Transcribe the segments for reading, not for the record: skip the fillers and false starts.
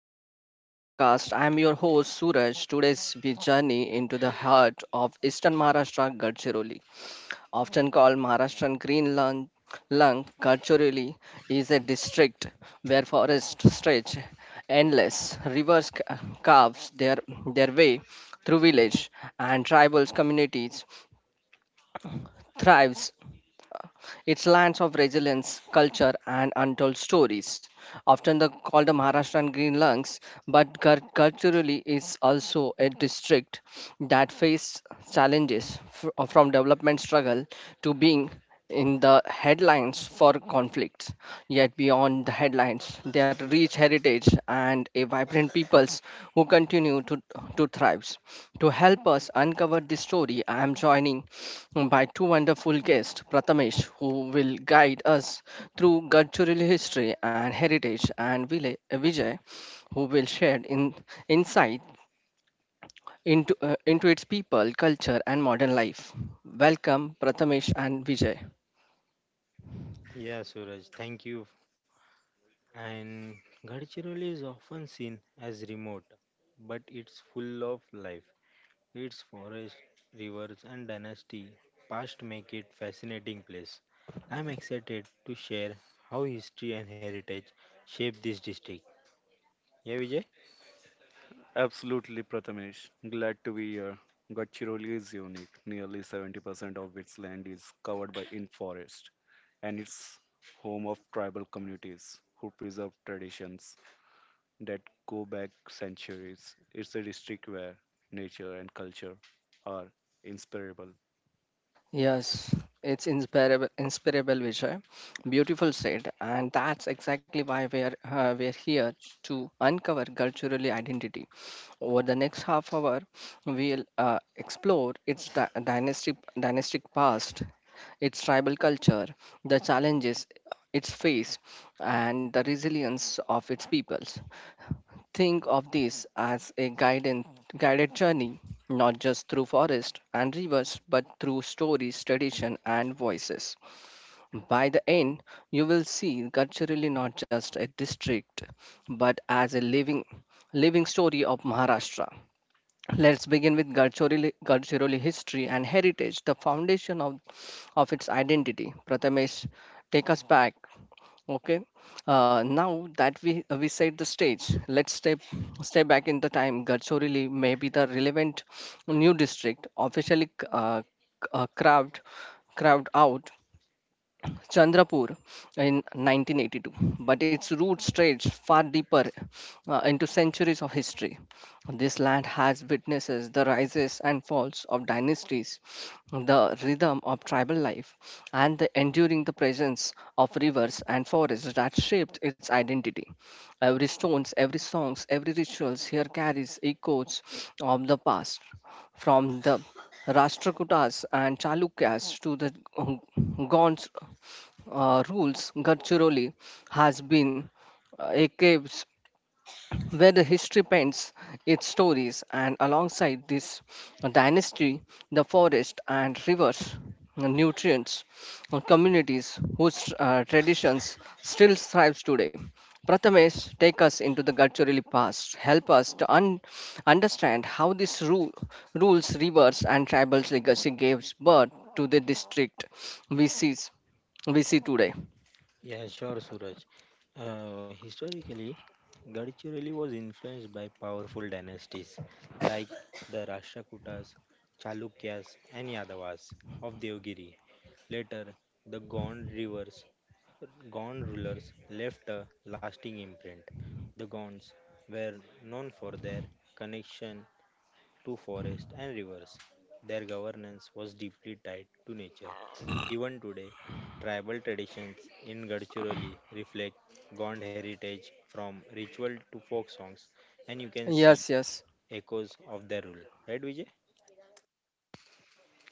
Maharashtra Story Podcast. I'm your host Suraj. Today's we journey into the heart of Eastern Maharashtra, Gadchiroli. Often called Maharashtrian Green Lung, Gadchiroli is a district where forests stretch endless, rivers carves their way through village and tribal communities thrives it's lands of resilience, culture, and untold stories. Often called the Maharashtrian Green Lungs, but culturally it's also a district that faced challenges from development struggle to being in the headlines for conflicts. Yet beyond the headlines, their rich heritage and a vibrant peoples who continue to thrive. To help us uncover this story, I am joining by two wonderful guests, Prathamesh, who will guide us through cultural history and heritage, and Vijay, who will share insight into its people, culture, and modern life. Welcome, Prathamesh and Vijay. Yeah, Suraj, thank you. And Gadchiroli is often seen as remote, but it's full of life. Its forests, rivers, and dynasty past make it fascinating place. I'm excited to share how history and heritage shape this district. Yeah, Vijay? Absolutely, Prathamesh. Glad to be here. Gadchiroli is unique. Nearly 70% of its land is covered by in forest, and it's home of tribal communities who preserve traditions that go back centuries. It's a district where nature and culture are inseparable. Yes, it's inspirable, Vijay. Beautiful said, and that's exactly why we are here to uncover culturally identity. Over the next half hour, we'll explore its dynastic dynastic past, its tribal culture, the challenges its face, and the resilience of its peoples. Think of this as a guided journey, not just through forest and rivers, but through stories, tradition, and voices. By the end, you will see culturally not just a district, but as a living story of Maharashtra. Let's begin with Gadchiroli history and heritage, the foundation of its identity. Prathamesh, take us back. Okay. Now that we set the stage, let's step back in the time. Gadchorili may be the relevant new district officially carved out Chandrapur in 1982, but its roots stretch far deeper into centuries of history. This land has witnesses the rises and falls of dynasties, the rhythm of tribal life, and the enduring the presence of rivers and forests that shaped its identity. Every stones, every songs, every rituals here carries echoes of the past, from the Rashtrakutas and Chalukyas to the Gonds rules, Gadchiroli has been a cave where the history paints its stories, and alongside this dynasty, the forest and rivers, nutrients, communities whose traditions still thrives today. Prathamesh, take us into the Gadchiroli past. Help us to understand how these rules, rivers, and tribal legacy gave birth to the district we see, we see today. Yeah, sure, Suraj. Historically, Gadchiroli was influenced by powerful dynasties like the Rashtrakutas, Chalukyas, and Yadavas of Devgiri. Later, the Gond rivers, Gond rulers left a lasting imprint. The Gonds were known for their connection to forests and rivers. Their governance was deeply tied to nature. Even today, tribal traditions in Gadchiroli reflect Gond heritage from ritual to folk songs, and you can see Yes, yes, echoes of their rule. Right, Vijay?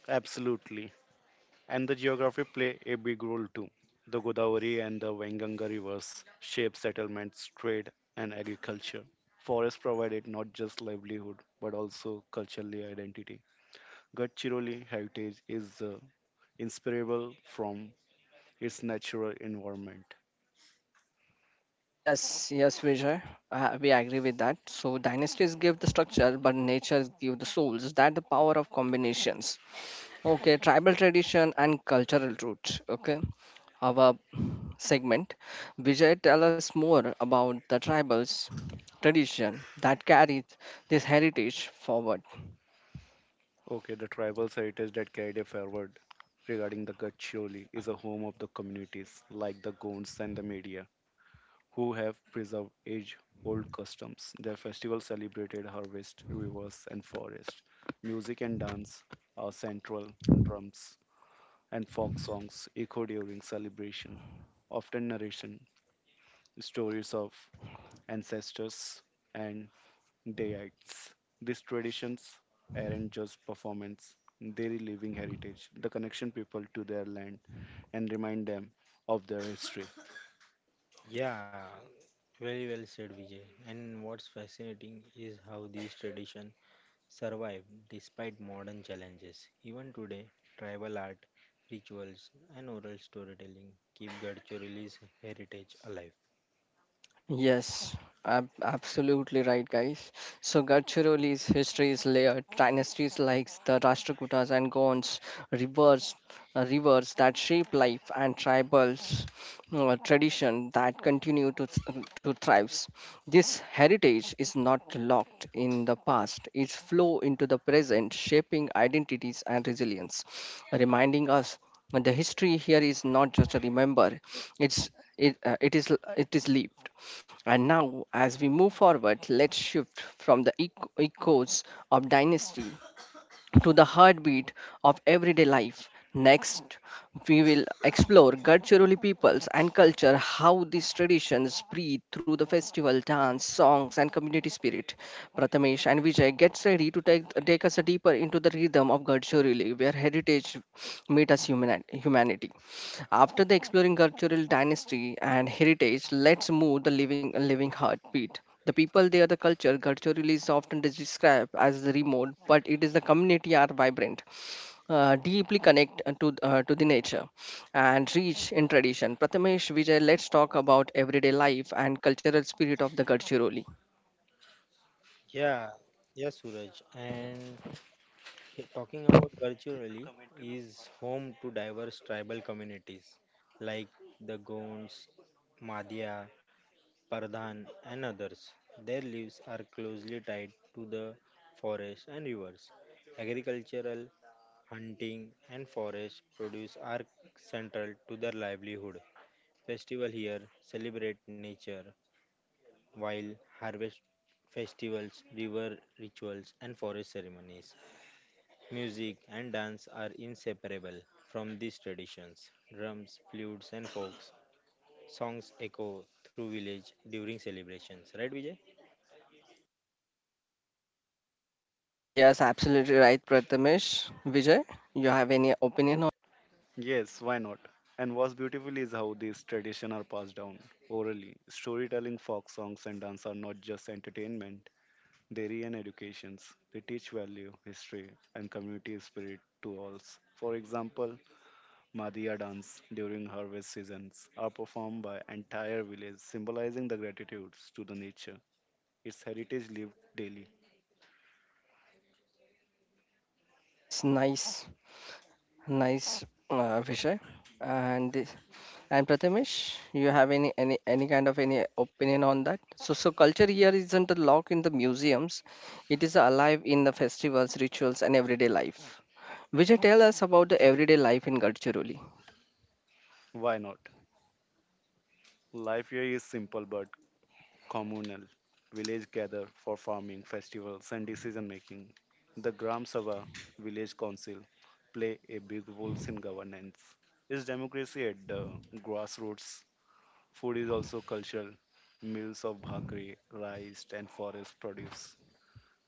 Absolutely, and the geography play a big role too. The Godavari and the Venganga rivers shape settlements, trade, and agriculture. Forests provided not just livelihood but also culturally identity. Gadchiroli heritage is inseparable from its natural environment. yes, Vijay. We agree with that. So dynasties give the structure, but nature give the souls. That the power of combinations. Okay, tribal tradition and cultural roots. Okay, our segment. Vijay, tell us more about the tribals tradition that carries this heritage forward. Okay, the tribal heritage that carried it forward regarding the Gadchiroli is a home of the communities like the Gonds and the Media who have preserved age old customs. Their festival celebrated harvest, rivers, and forest. Music and dance are central, drums and folk songs echo during celebration, often narration, stories of ancestors, and deities. These traditions aren't just performance, they're living heritage, the connection people to their land, and remind them of their history. Yeah, very well said, Vijay. And what's fascinating is how these traditions survive despite modern challenges. Even today, tribal art, rituals, and oral storytelling keep Gadchiroli's heritage alive. Yes, absolutely right, guys. So Gadchiroli's history is layered. Dynasties like the Rashtrakutas and Gonds reversed rivers that shape life and tribals tradition that continue to to thrive. This heritage is not locked in the past; it's flow into the present, shaping identities and resilience, reminding us that the history here is not just a remember; it's it is lived. And now, as we move forward, let's shift from the echoes of dynasty to the heartbeat of everyday life. Next, we will explore Gadchiroli peoples and culture, how these traditions breathe through the festival, dance, songs, and community spirit. Prathamesh and Vijay gets ready to take us deeper into the rhythm of Gadchiroli, where heritage meets us humanity. After the exploring cultural dynasty and heritage, let's move the living heartbeat. The people there, the culture, culturally is often described as the remote, but it is the community are vibrant, deeply connect to the nature, and rich in tradition. Prathamesh Vijay, let's talk about everyday life and cultural spirit of the Gadchiroli. Yeah, yeah, Suraj. And talking about Gadchiroli is home to diverse tribal communities like the Gonds, Madhya, Pardhan, and others. Their lives are closely tied to the forest and rivers. Agricultural hunting, and forest produce are central to their livelihood. Festival here celebrate nature, while harvest festivals, river rituals, and forest ceremonies. Music and dance are inseparable from these traditions. Drums, flutes, and folks songs echo through village during celebrations. Right, Vijay? Yes, absolutely right, Prathamesh Vijay. You have any opinion on? Yes, why not? And what's beautiful is how these traditions are passed down orally. Storytelling, folk songs, and dance are not just entertainment, they re and educations. They teach value, history, and community spirit to all. For example, Madia dance during harvest seasons are performed by entire village, symbolizing the gratitudes to the nature. Its heritage lived daily. Yes, nice. Nice, Vishay. And this- and Prathamesh, you have any kind of any opinion on that? So culture here isn't locked in the museums; it is alive in the festivals, rituals, and everyday life. Vijay, tell us about the everyday life in Gadchiroli. Why not? Life here is simple but communal. Village gather for farming, festivals, and decision making. The Gram Sabha village council play a big role in governance. Is democracy at the grassroots? Food is also cultural. Meals of bhakri, rice, and forest produce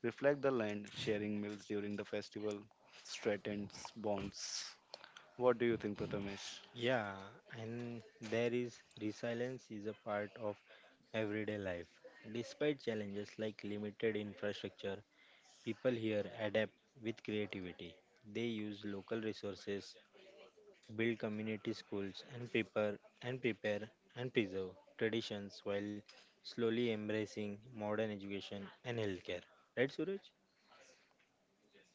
reflect the land sharing meals during the festival strengthens bonds. What do you think, Prathamesh? Yeah, and there is resilience is a part of everyday life. Despite challenges like limited infrastructure, people here adapt with creativity. They use local resources, build community schools and prepare and preserve traditions while slowly embracing modern education and healthcare. Right Suraj?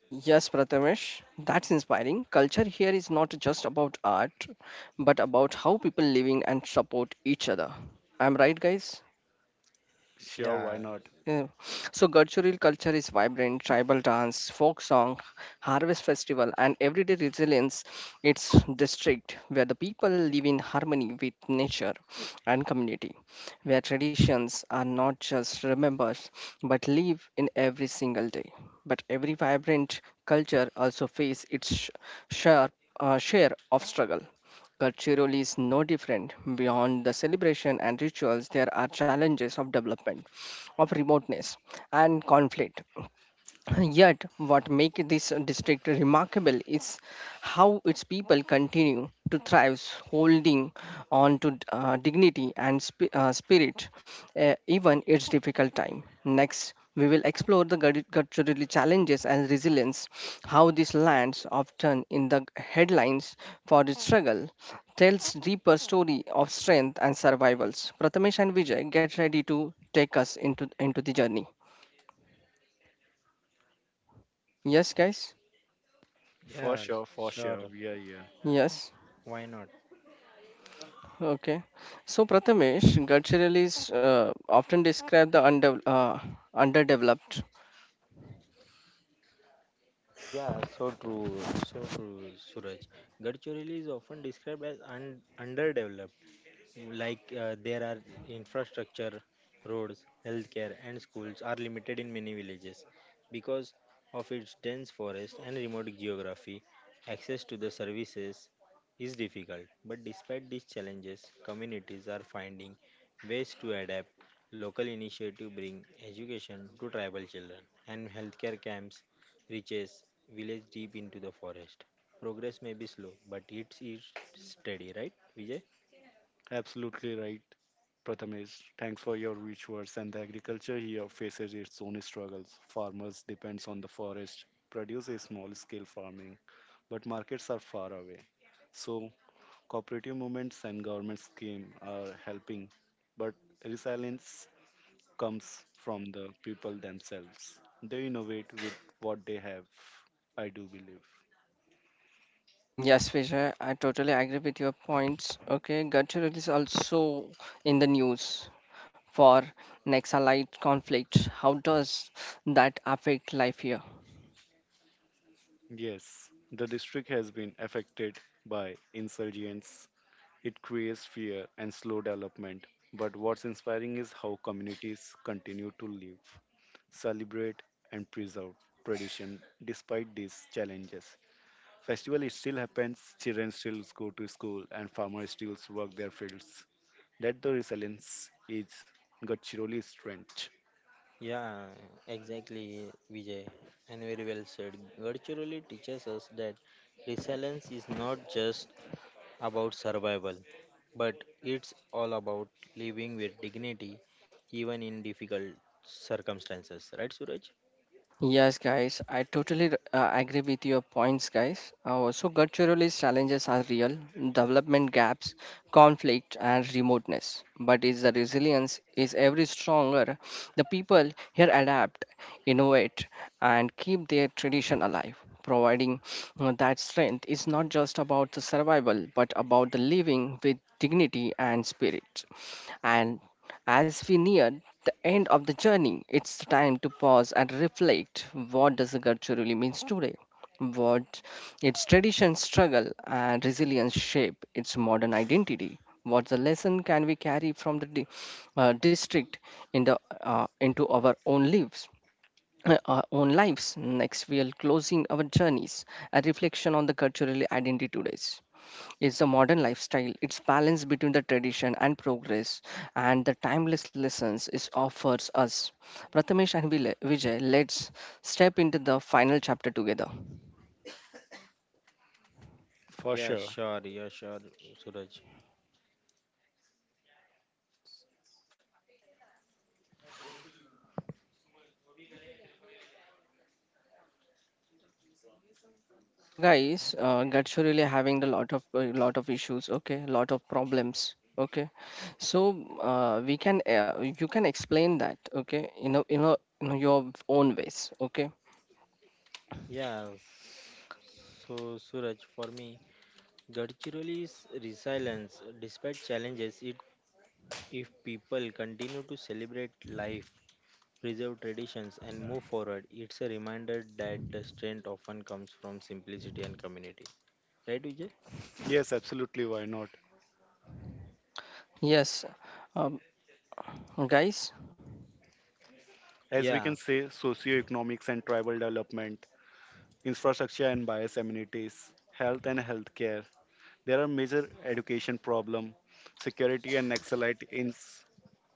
Yes, Prathamesh, that's inspiring. Culture here is not just about art, but about how people living and support each other. I'm right, guys. Sure, why Yeah, not? Yeah. So Gadchuril culture is vibrant, tribal dance, folk song, harvest festival, and everyday resilience. It's district where the people live in harmony with nature and community, where traditions are not just remembered but live in every single day. But every vibrant culture also face its share share of struggle. Culturally is no different. Beyond the celebration and rituals, there are challenges of development, of remoteness, and conflict. Yet, what makes this district remarkable is how its people continue to thrive, holding on to dignity and spirit, even its difficult time. Next, we will explore the cultural challenges and resilience, how these lands, often in the headlines for its struggle, tells deeper story of strength and survivals. Prathamesh and Vijay, get ready to take us into the journey. Yes, guys. For yeah, sure, for sure. sure. Yeah, yeah. Yes. Why not? Okay. So, Prathamesh, Gadchirali is often described the underdeveloped. Yeah, so true, Suraj. Gadchiroli is often described as underdeveloped, like there are infrastructure roads healthcare and schools are limited in many villages because of its dense forest and remote geography access to the services is difficult but despite these challenges communities are finding ways to adapt local initiative bring education to tribal children and healthcare camps reaches village deep into the forest progress may be slow but it's steady right vijay? Absolutely right, Prathamesh. Thanks for your rich words. And the agriculture here faces its own struggles. Farmers depends on the forest, produce a small-scale farming, but markets are far away. So cooperative movements and government scheme are helping, but resilience comes from the people themselves. They innovate with what they have, I do believe. Yes, Vijay, I totally agree with your points. Okay, Gadchirali is also in the news for Naxalite conflict. How does that affect life here? Yes, the district has been affected by insurgents. It creates fear and slow development. But what's inspiring is how communities continue to live, celebrate, and preserve tradition despite these challenges. Festival it still happens, children still go to school, and farmers still work their fields. That the resilience is Gachiroli's strength. Yeah, exactly, Vijay, and very well said. Virtually teaches us that resilience is not just about survival, but it's all about living with dignity, even in difficult circumstances. Right, Suraj? Yes, guys, I totally agree with your points, guys. So, culturally, challenges are real development gaps, conflict, and remoteness. But is the resilience is every stronger? The people here adapt, innovate, and keep their tradition alive. Providing that strength is not just about the survival, but about the living with dignity and spirit. And as we near the end of the journey, it's time to pause and reflect what does the culture really means today? What its tradition, struggle, and resilience shape its modern identity? What the lesson can we carry from the district in into our own lives? Our own lives. Next, we are closing our journeys, a reflection on the cultural identity today. It's a modern lifestyle. It's balance between the tradition and progress, and the timeless lessons it offers us. Prathamesh and Vijay, let's step into the final chapter together. For Yeah, sure. sure, yeah, sure, Suraj. So, guys, Gacho really having a lot of issues. Okay, lot of problems. Okay, so we can you can explain that. Okay, in your own ways. Okay, Yeah, s- so Suraj, for me, Gadchiroli's resilience, despite challenges, it if people continue to celebrate life preserve traditions, and move forward, it's a reminder that the strength often comes from simplicity and community. Right, Vijay? Yes, absolutely. Why not? yes, um, guys. As we Yeah, can say, socioeconomics and tribal development, infrastructure and bias amenities, health and healthcare, there are major education problem, security and Naxalite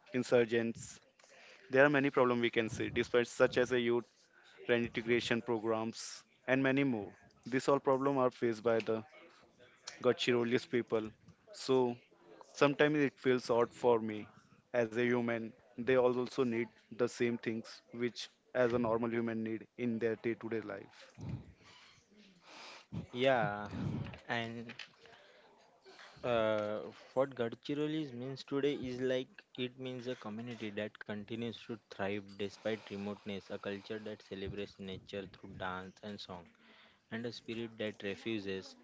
insurgents. There are many problems we can see, despite such as a youth reintegration programs and many more. These all problems are faced by the Gachirolius people. So sometimes it feels odd for me as a human. They all also need the same things which as a normal human need in their day-to-day life. yeah. And uh, what Gadchirolis means today is like it means a community that continues to thrive despite remoteness, a culture that celebrates nature through dance and song, and a spirit that refuses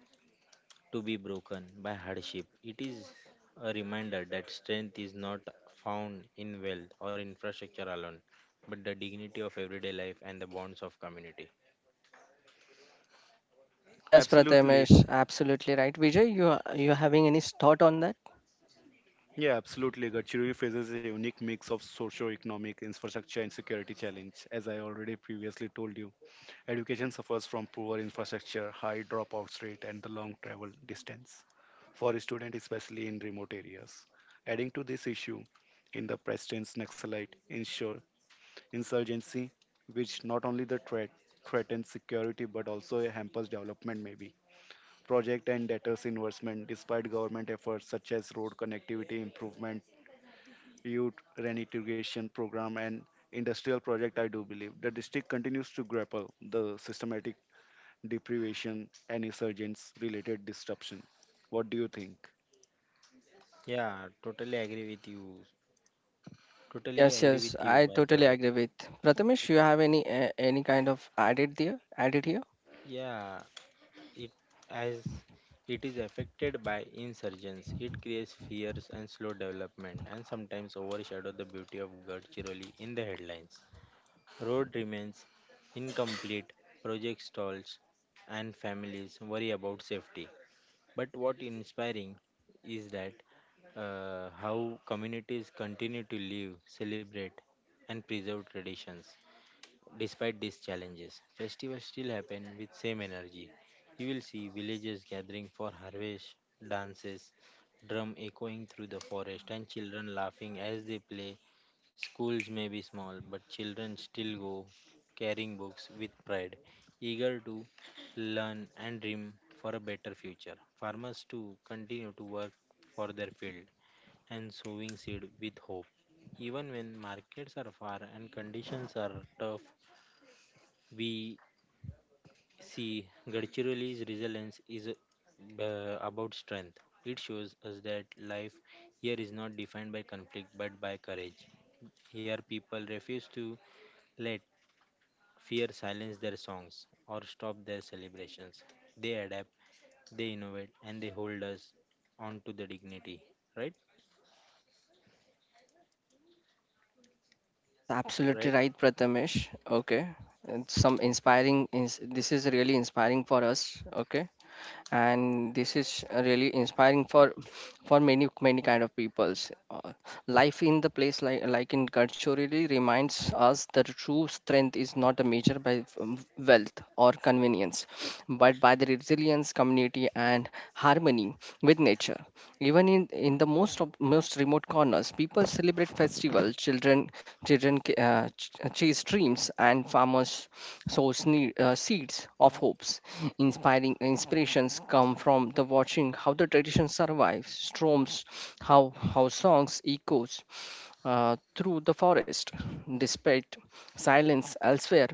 to be broken by hardship. It is a reminder that strength is not found in wealth or infrastructure alone, but the dignity of everyday life and the bonds of community. Yes, Absolutely. Prathamesh, absolutely right. Vijay, you having any thought on that? Yeah, absolutely. Gadchiroli faces a unique mix of socio-economic infrastructure and security challenge. As I already previously told you, education suffers from poor infrastructure, high dropout rate, and the long travel distance for students, especially in remote areas. Adding to this issue, in the Preston's Naxalite insurgency, which not only the threatens security but also hampers development, maybe project and debtors investment despite government efforts such as road connectivity improvement youth reintegration program and industrial project, I do believe the district continues to grapple the systematic deprivation and insurgents related disruption. What do you think? Yeah, totally agree with you. Totally Yes, agree yes, with you, I by the totally way. agree with Prathamesh. You have any kind of added there? Added here? Yeah, it as it is affected by insurgents, it creates fears and slow development, and sometimes overshadow the beauty of Gadchiroli in the headlines. Road remains incomplete, project stalls, and families worry about safety. But what inspiring is that how communities continue to live, celebrate, and preserve traditions. Despite these challenges, festivals still happen with same energy. You will see villagers gathering for harvest, dances, drum echoing through the forest, and children laughing as they play. Schools may be small, but children still go carrying books with pride, eager to learn and dream for a better future. Farmers too continue to work for their field and sowing seed with hope even when markets are far and conditions are tough we see Gadchiroli's resilience is about strength. It shows us that life here is not defined by conflict but by courage. Here, people refuse to let fear silence their songs or stop their celebrations. They adapt, they innovate, and they hold us on to the dignity. Right? Yes, absolutely Right? right, Prathamesh. Okay, and some inspiring. This is really inspiring for us. Okay. And this is really inspiring for many kind of peoples. Uh, Life in the place like in Gadcho really reminds us that true strength is not a measure by wealth or convenience, but by the resilience community and harmony with nature, even in the most of most remote corners people celebrate festivals, children chase dreams, and farmers sow seeds of hopes. Inspiring inspirations come from the watching how the tradition survives storms, how how songs echoes through the forest, despite silence elsewhere,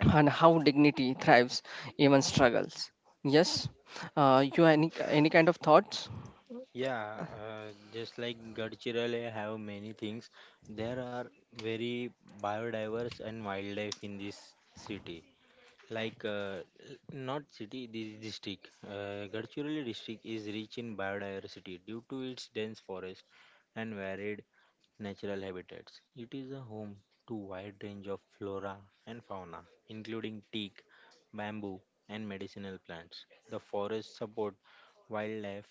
and how dignity thrives even struggles. Yes, you any kind of thoughts. Yeah, just like Gadchirale have many things. There are very biodiverse and wildlife in this city. Like uh, l- Not city, this district. Gadchirale district is rich in biodiversity due to its dense forest and varied natural habitats. It is a home to wide range of flora and fauna, including teak, bamboo, and medicinal plants. The forests support wildlife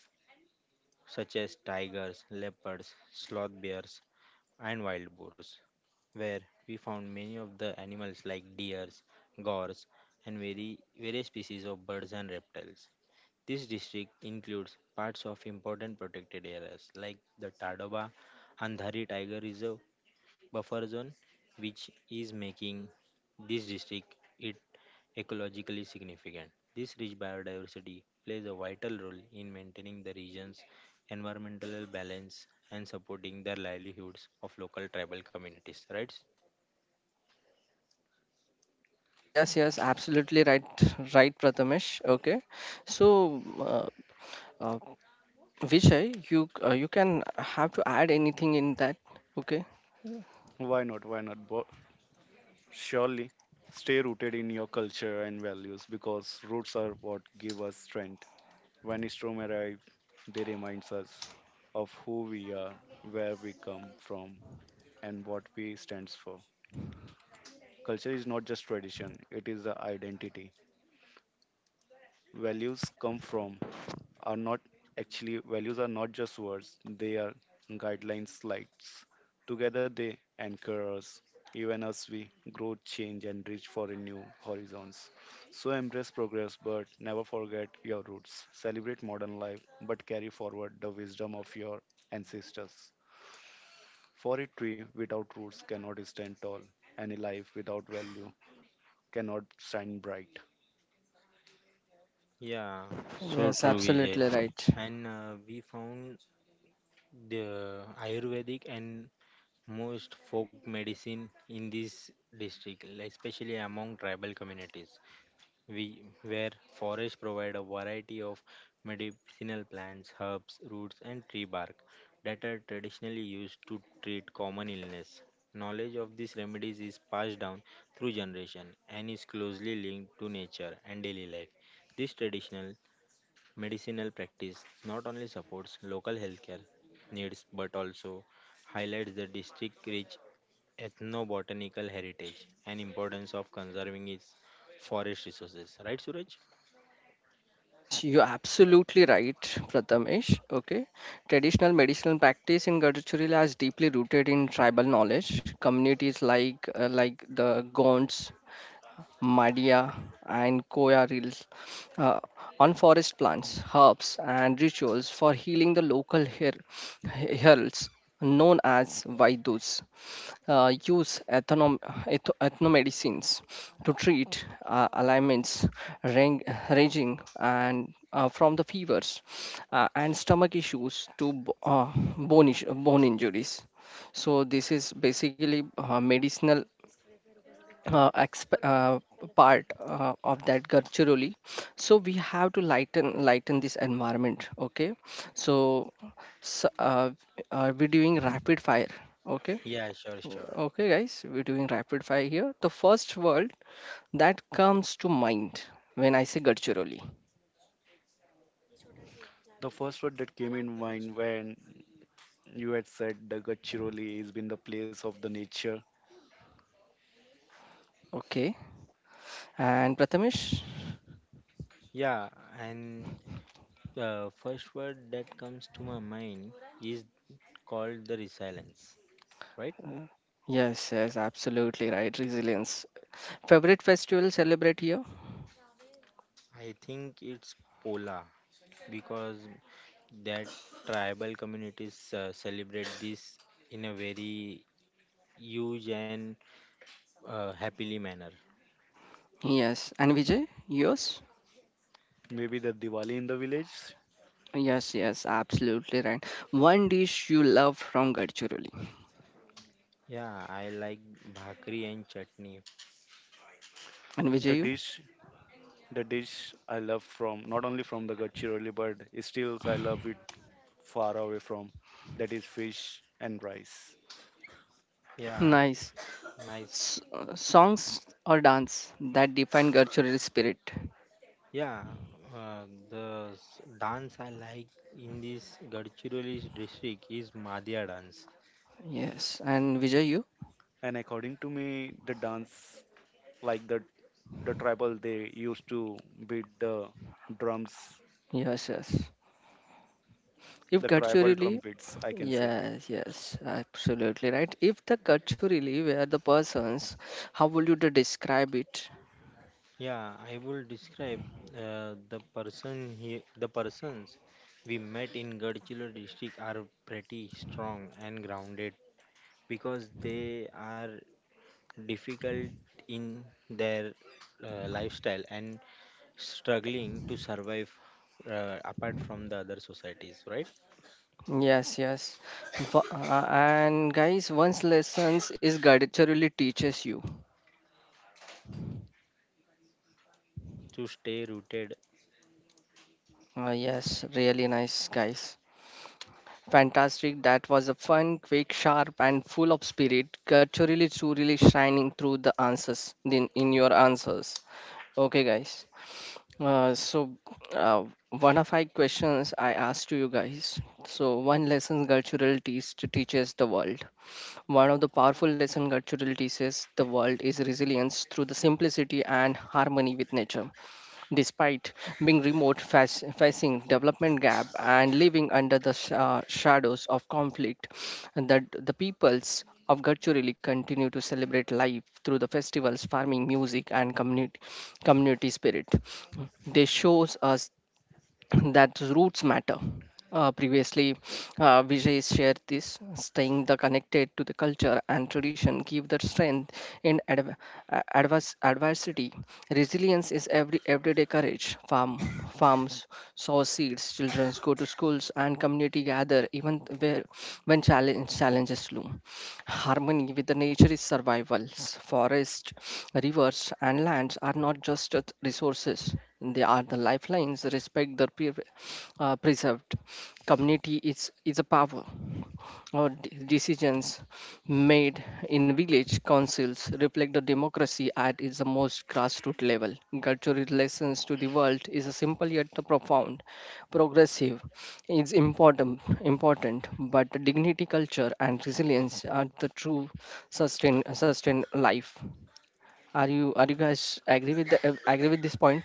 such as tigers, leopards, sloth bears, and wild boars, where we found many of the animals like deers, gores, and various species of birds and reptiles. This district includes parts of important protected areas like the Tadoba Andhari Tiger Reserve buffer zone, which is making this district it ecologically significant. This rich biodiversity plays a vital role in maintaining the region's environmental balance and supporting the livelihoods of local tribal communities, right? Yes, yes, absolutely right, right, Prathamesh. Okay, so uh, uh, Vijay, you can have to add anything in that. Okay. Why not? Surely stay rooted in your culture and values because roots are what give us strength. When storm arrive, they reminds us of who we are, where we come from, and what we stands for. Culture is not just tradition; it is the identity values come from are not actually values are not just words, they are guidelines slides together, they anchor us even as we grow change and reach for a new horizons. So embrace progress but never forget your roots, celebrate modern life but carry forward the wisdom of your ancestors, for a tree without roots cannot stand tall and a life without value cannot shine bright. Yeah, so Yes, true, Vijay. absolutely right. And we found the Ayurvedic and most folk medicine in this district, like especially among tribal communities. We where forests provide a variety of medicinal plants, herbs, roots, and tree bark that are traditionally used to treat common illness. Knowledge of these remedies is passed down through generation and is closely linked to nature and daily life. This traditional medicinal practice not only supports local healthcare needs but also highlights the district rich ethnobotanical heritage and importance of conserving its forest resources right suraj? Yes, you're absolutely right, Prathamesh. Okay. Traditional medicinal practice in Gadachurila is deeply rooted in tribal knowledge. Communities like the Gonds Madia, and Koya reels uh, on forest plants, herbs, and rituals for healing the local heralds known as Vaidus. Use ethnomedicines to treat ailments rang- ranging and from the fevers and stomach issues to bone injuries. So this is basically medicinal uh, exp- uh, part of that culturally. So we have to lighten this environment. Okay, so, s we're doing rapid fire. Okay. Yeah, sure, sure. Okay, guys, we're doing rapid fire here. The first word that comes to mind when I say culturally. The first word that came in mind when you had said the Gachiroli has been the place of the nature. Okay, and Prathamesh. Yeah, and the first word that comes to my mind is called the resilience, right? Yes, yes, absolutely right, resilience. Favorite festival celebrate here. I think it's pola because that tribal communities celebrate this in a very huge and happily manner. Yes, and Vijay, yours. Maybe the Diwali in the village. Yes, yes, absolutely right. One dish you love from Gadchiroli. Yeah, I like bhakri and chutney. And The Vijayu, dish, the dish I love from not only from the Gachiroli, but still I love it far away from. That is fish and rice. Yeah, nice. nice. Songs or dance that define Gadchiroli spirit. Yeah, uh, the dance I like in this Gadchiroli district is Madhya dance. Yes, and Vijayu, And according to me, the dance like the tribal they used to beat the drums, yes, yes. If the tribal drum Gadchiroli, beats, I can say. yes, yes, absolutely right. If the Gadchiroli were the persons, how would you to describe it? Yeah, I will describe the person here. The persons we met in Gadchiroli district are pretty strong and grounded because they are difficult in their lifestyle and struggling to survive apart from the other societies, right? Yes, yes. And guys, once lessons is Gadchiroli teaches you. Uh, to stay rooted. Yes, really nice, guys. Fantastic. That was a fun, quick, sharp, and full of spirit. Culturally, truly shining through the answers in your answers. Okay, guys. Uh, so, uh, One of my questions I asked to you guys. So, one lesson cultural teaches the world. One of the powerful lesson cultural teaches the world is resilience through the simplicity and harmony with nature. Despite being remote, facing development gap, and living under the shadows of conflict, and that the peoples of Gadchiroli continue to celebrate life through the festivals, farming, music, and community spirit. This shows us that roots matter. Previously, Vijay shared this staying the connected to the culture and tradition give the strength in adversity. Resilience is every everyday courage. Farms sow seeds, children go to schools, and community gather even where when challenges loom. Harmony with the nature is survival. Forests, rivers, and lands are not just resources, they are the lifelines. Respect the preserved community is a power. Our decisions made in village councils reflect the democracy at its most grassroots level. Cultural lessons to the world is a simple yet profound, progressive is important, but dignity culture and resilience are the true sustain life. Are you guys agree with the agree with this point?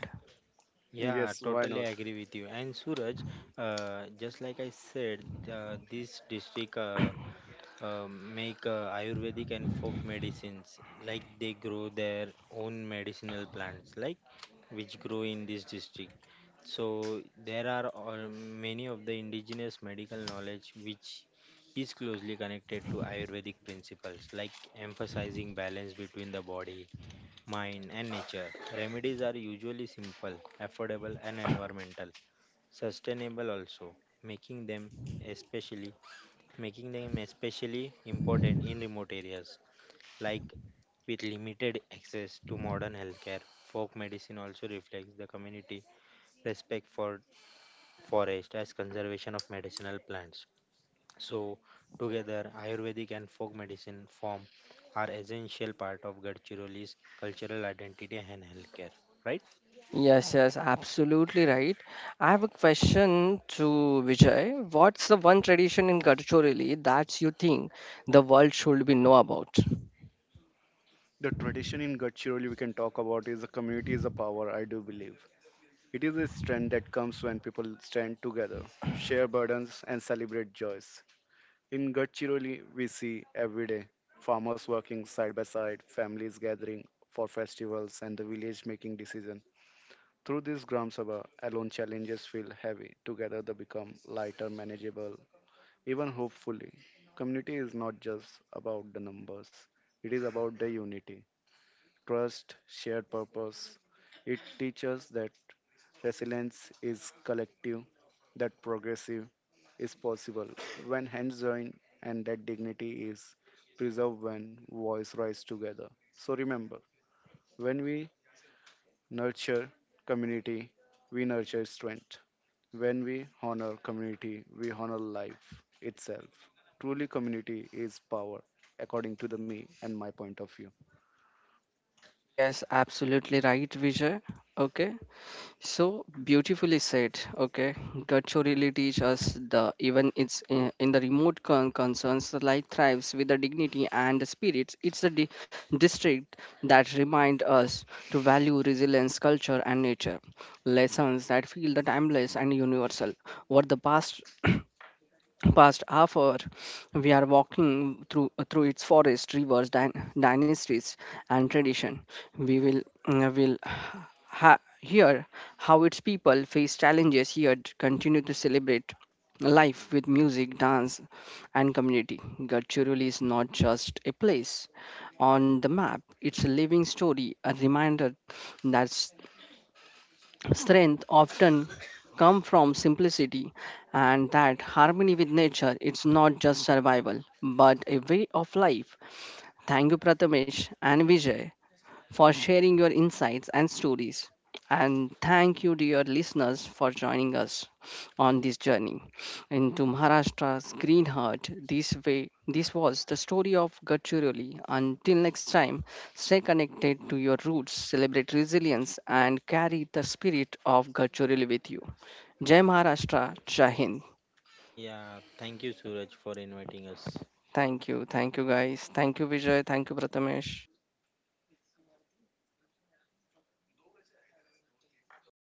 Yeah, Yes, why totally not? agree with you. And Suraj, just like I said, this district make Ayurvedic and folk medicines. Like they grow their own medicinal plants, like which grow in this district. So there are all, many of the indigenous medical knowledge which is closely connected to Ayurvedic principles, like emphasizing balance between the body, mind, and nature. Remedies are usually simple, affordable, and environmental, sustainable also, making them especially making them especially important in remote areas like with limited access to modern healthcare. Folk medicine also reflects the community respect for forest as conservation of medicinal plants. So, together, Ayurvedic and folk medicine form are essential part of Gadchiroli's cultural identity and healthcare, right? Yes, yes, absolutely right. I have a question to Vijay. What's the one tradition in Gadchorili that you think the world should be know about? The tradition in Gadchiroli we can talk about is the community is a power, I do believe. It is a strength that comes when people stand together, share burdens, and celebrate joys. In Gadchiroli, we see every day farmers working side by side, families gathering for festivals, and the village making decisions. Through this Gram Sabha, alone challenges feel heavy. Together, they become lighter, manageable, even hopefully. Community is not just about the numbers, it is about the unity, trust, shared purpose. It teaches that resilience is collective, that progressive is possible when hands join, and that dignity is preserved when voice rise together. So remember, when we nurture community, we nurture strength. When we honor community, we honor life itself. Truly, community is power, according to the me and my point of view. Yes, absolutely right, Vijay. Okay. So beautifully said. Okay, culture really teach us the even it's in the remote concerns the life thrives with the dignity and the spirits. It's the district that remind us to value resilience, culture, and nature. Lessons that feel the timeless and universal. What the past past hour we are walking through its forest rivers dynasties and tradition. We will uh, will hear how its people face challenges yet continue to celebrate life with music dance and community. Gadchiroli is not just a place on the map. It's a living story, a reminder that strength often come from simplicity, and that harmony with nature it's not just survival but a way of life. Thank you, Prathamesh and Vijay, for sharing your insights and stories. And thank you, dear listeners, for joining us on this journey into Maharashtra's green heart. This way, this was the story of Gadchiroli. Until next time, stay connected to your roots, celebrate resilience, and carry the spirit of Gadchiroli with you. Jai Maharashtra, Jai Hind. Yeah, thank you, Suraj, for inviting us. Thank you, guys. Thank you, Vijay. Thank you, Prathamesh.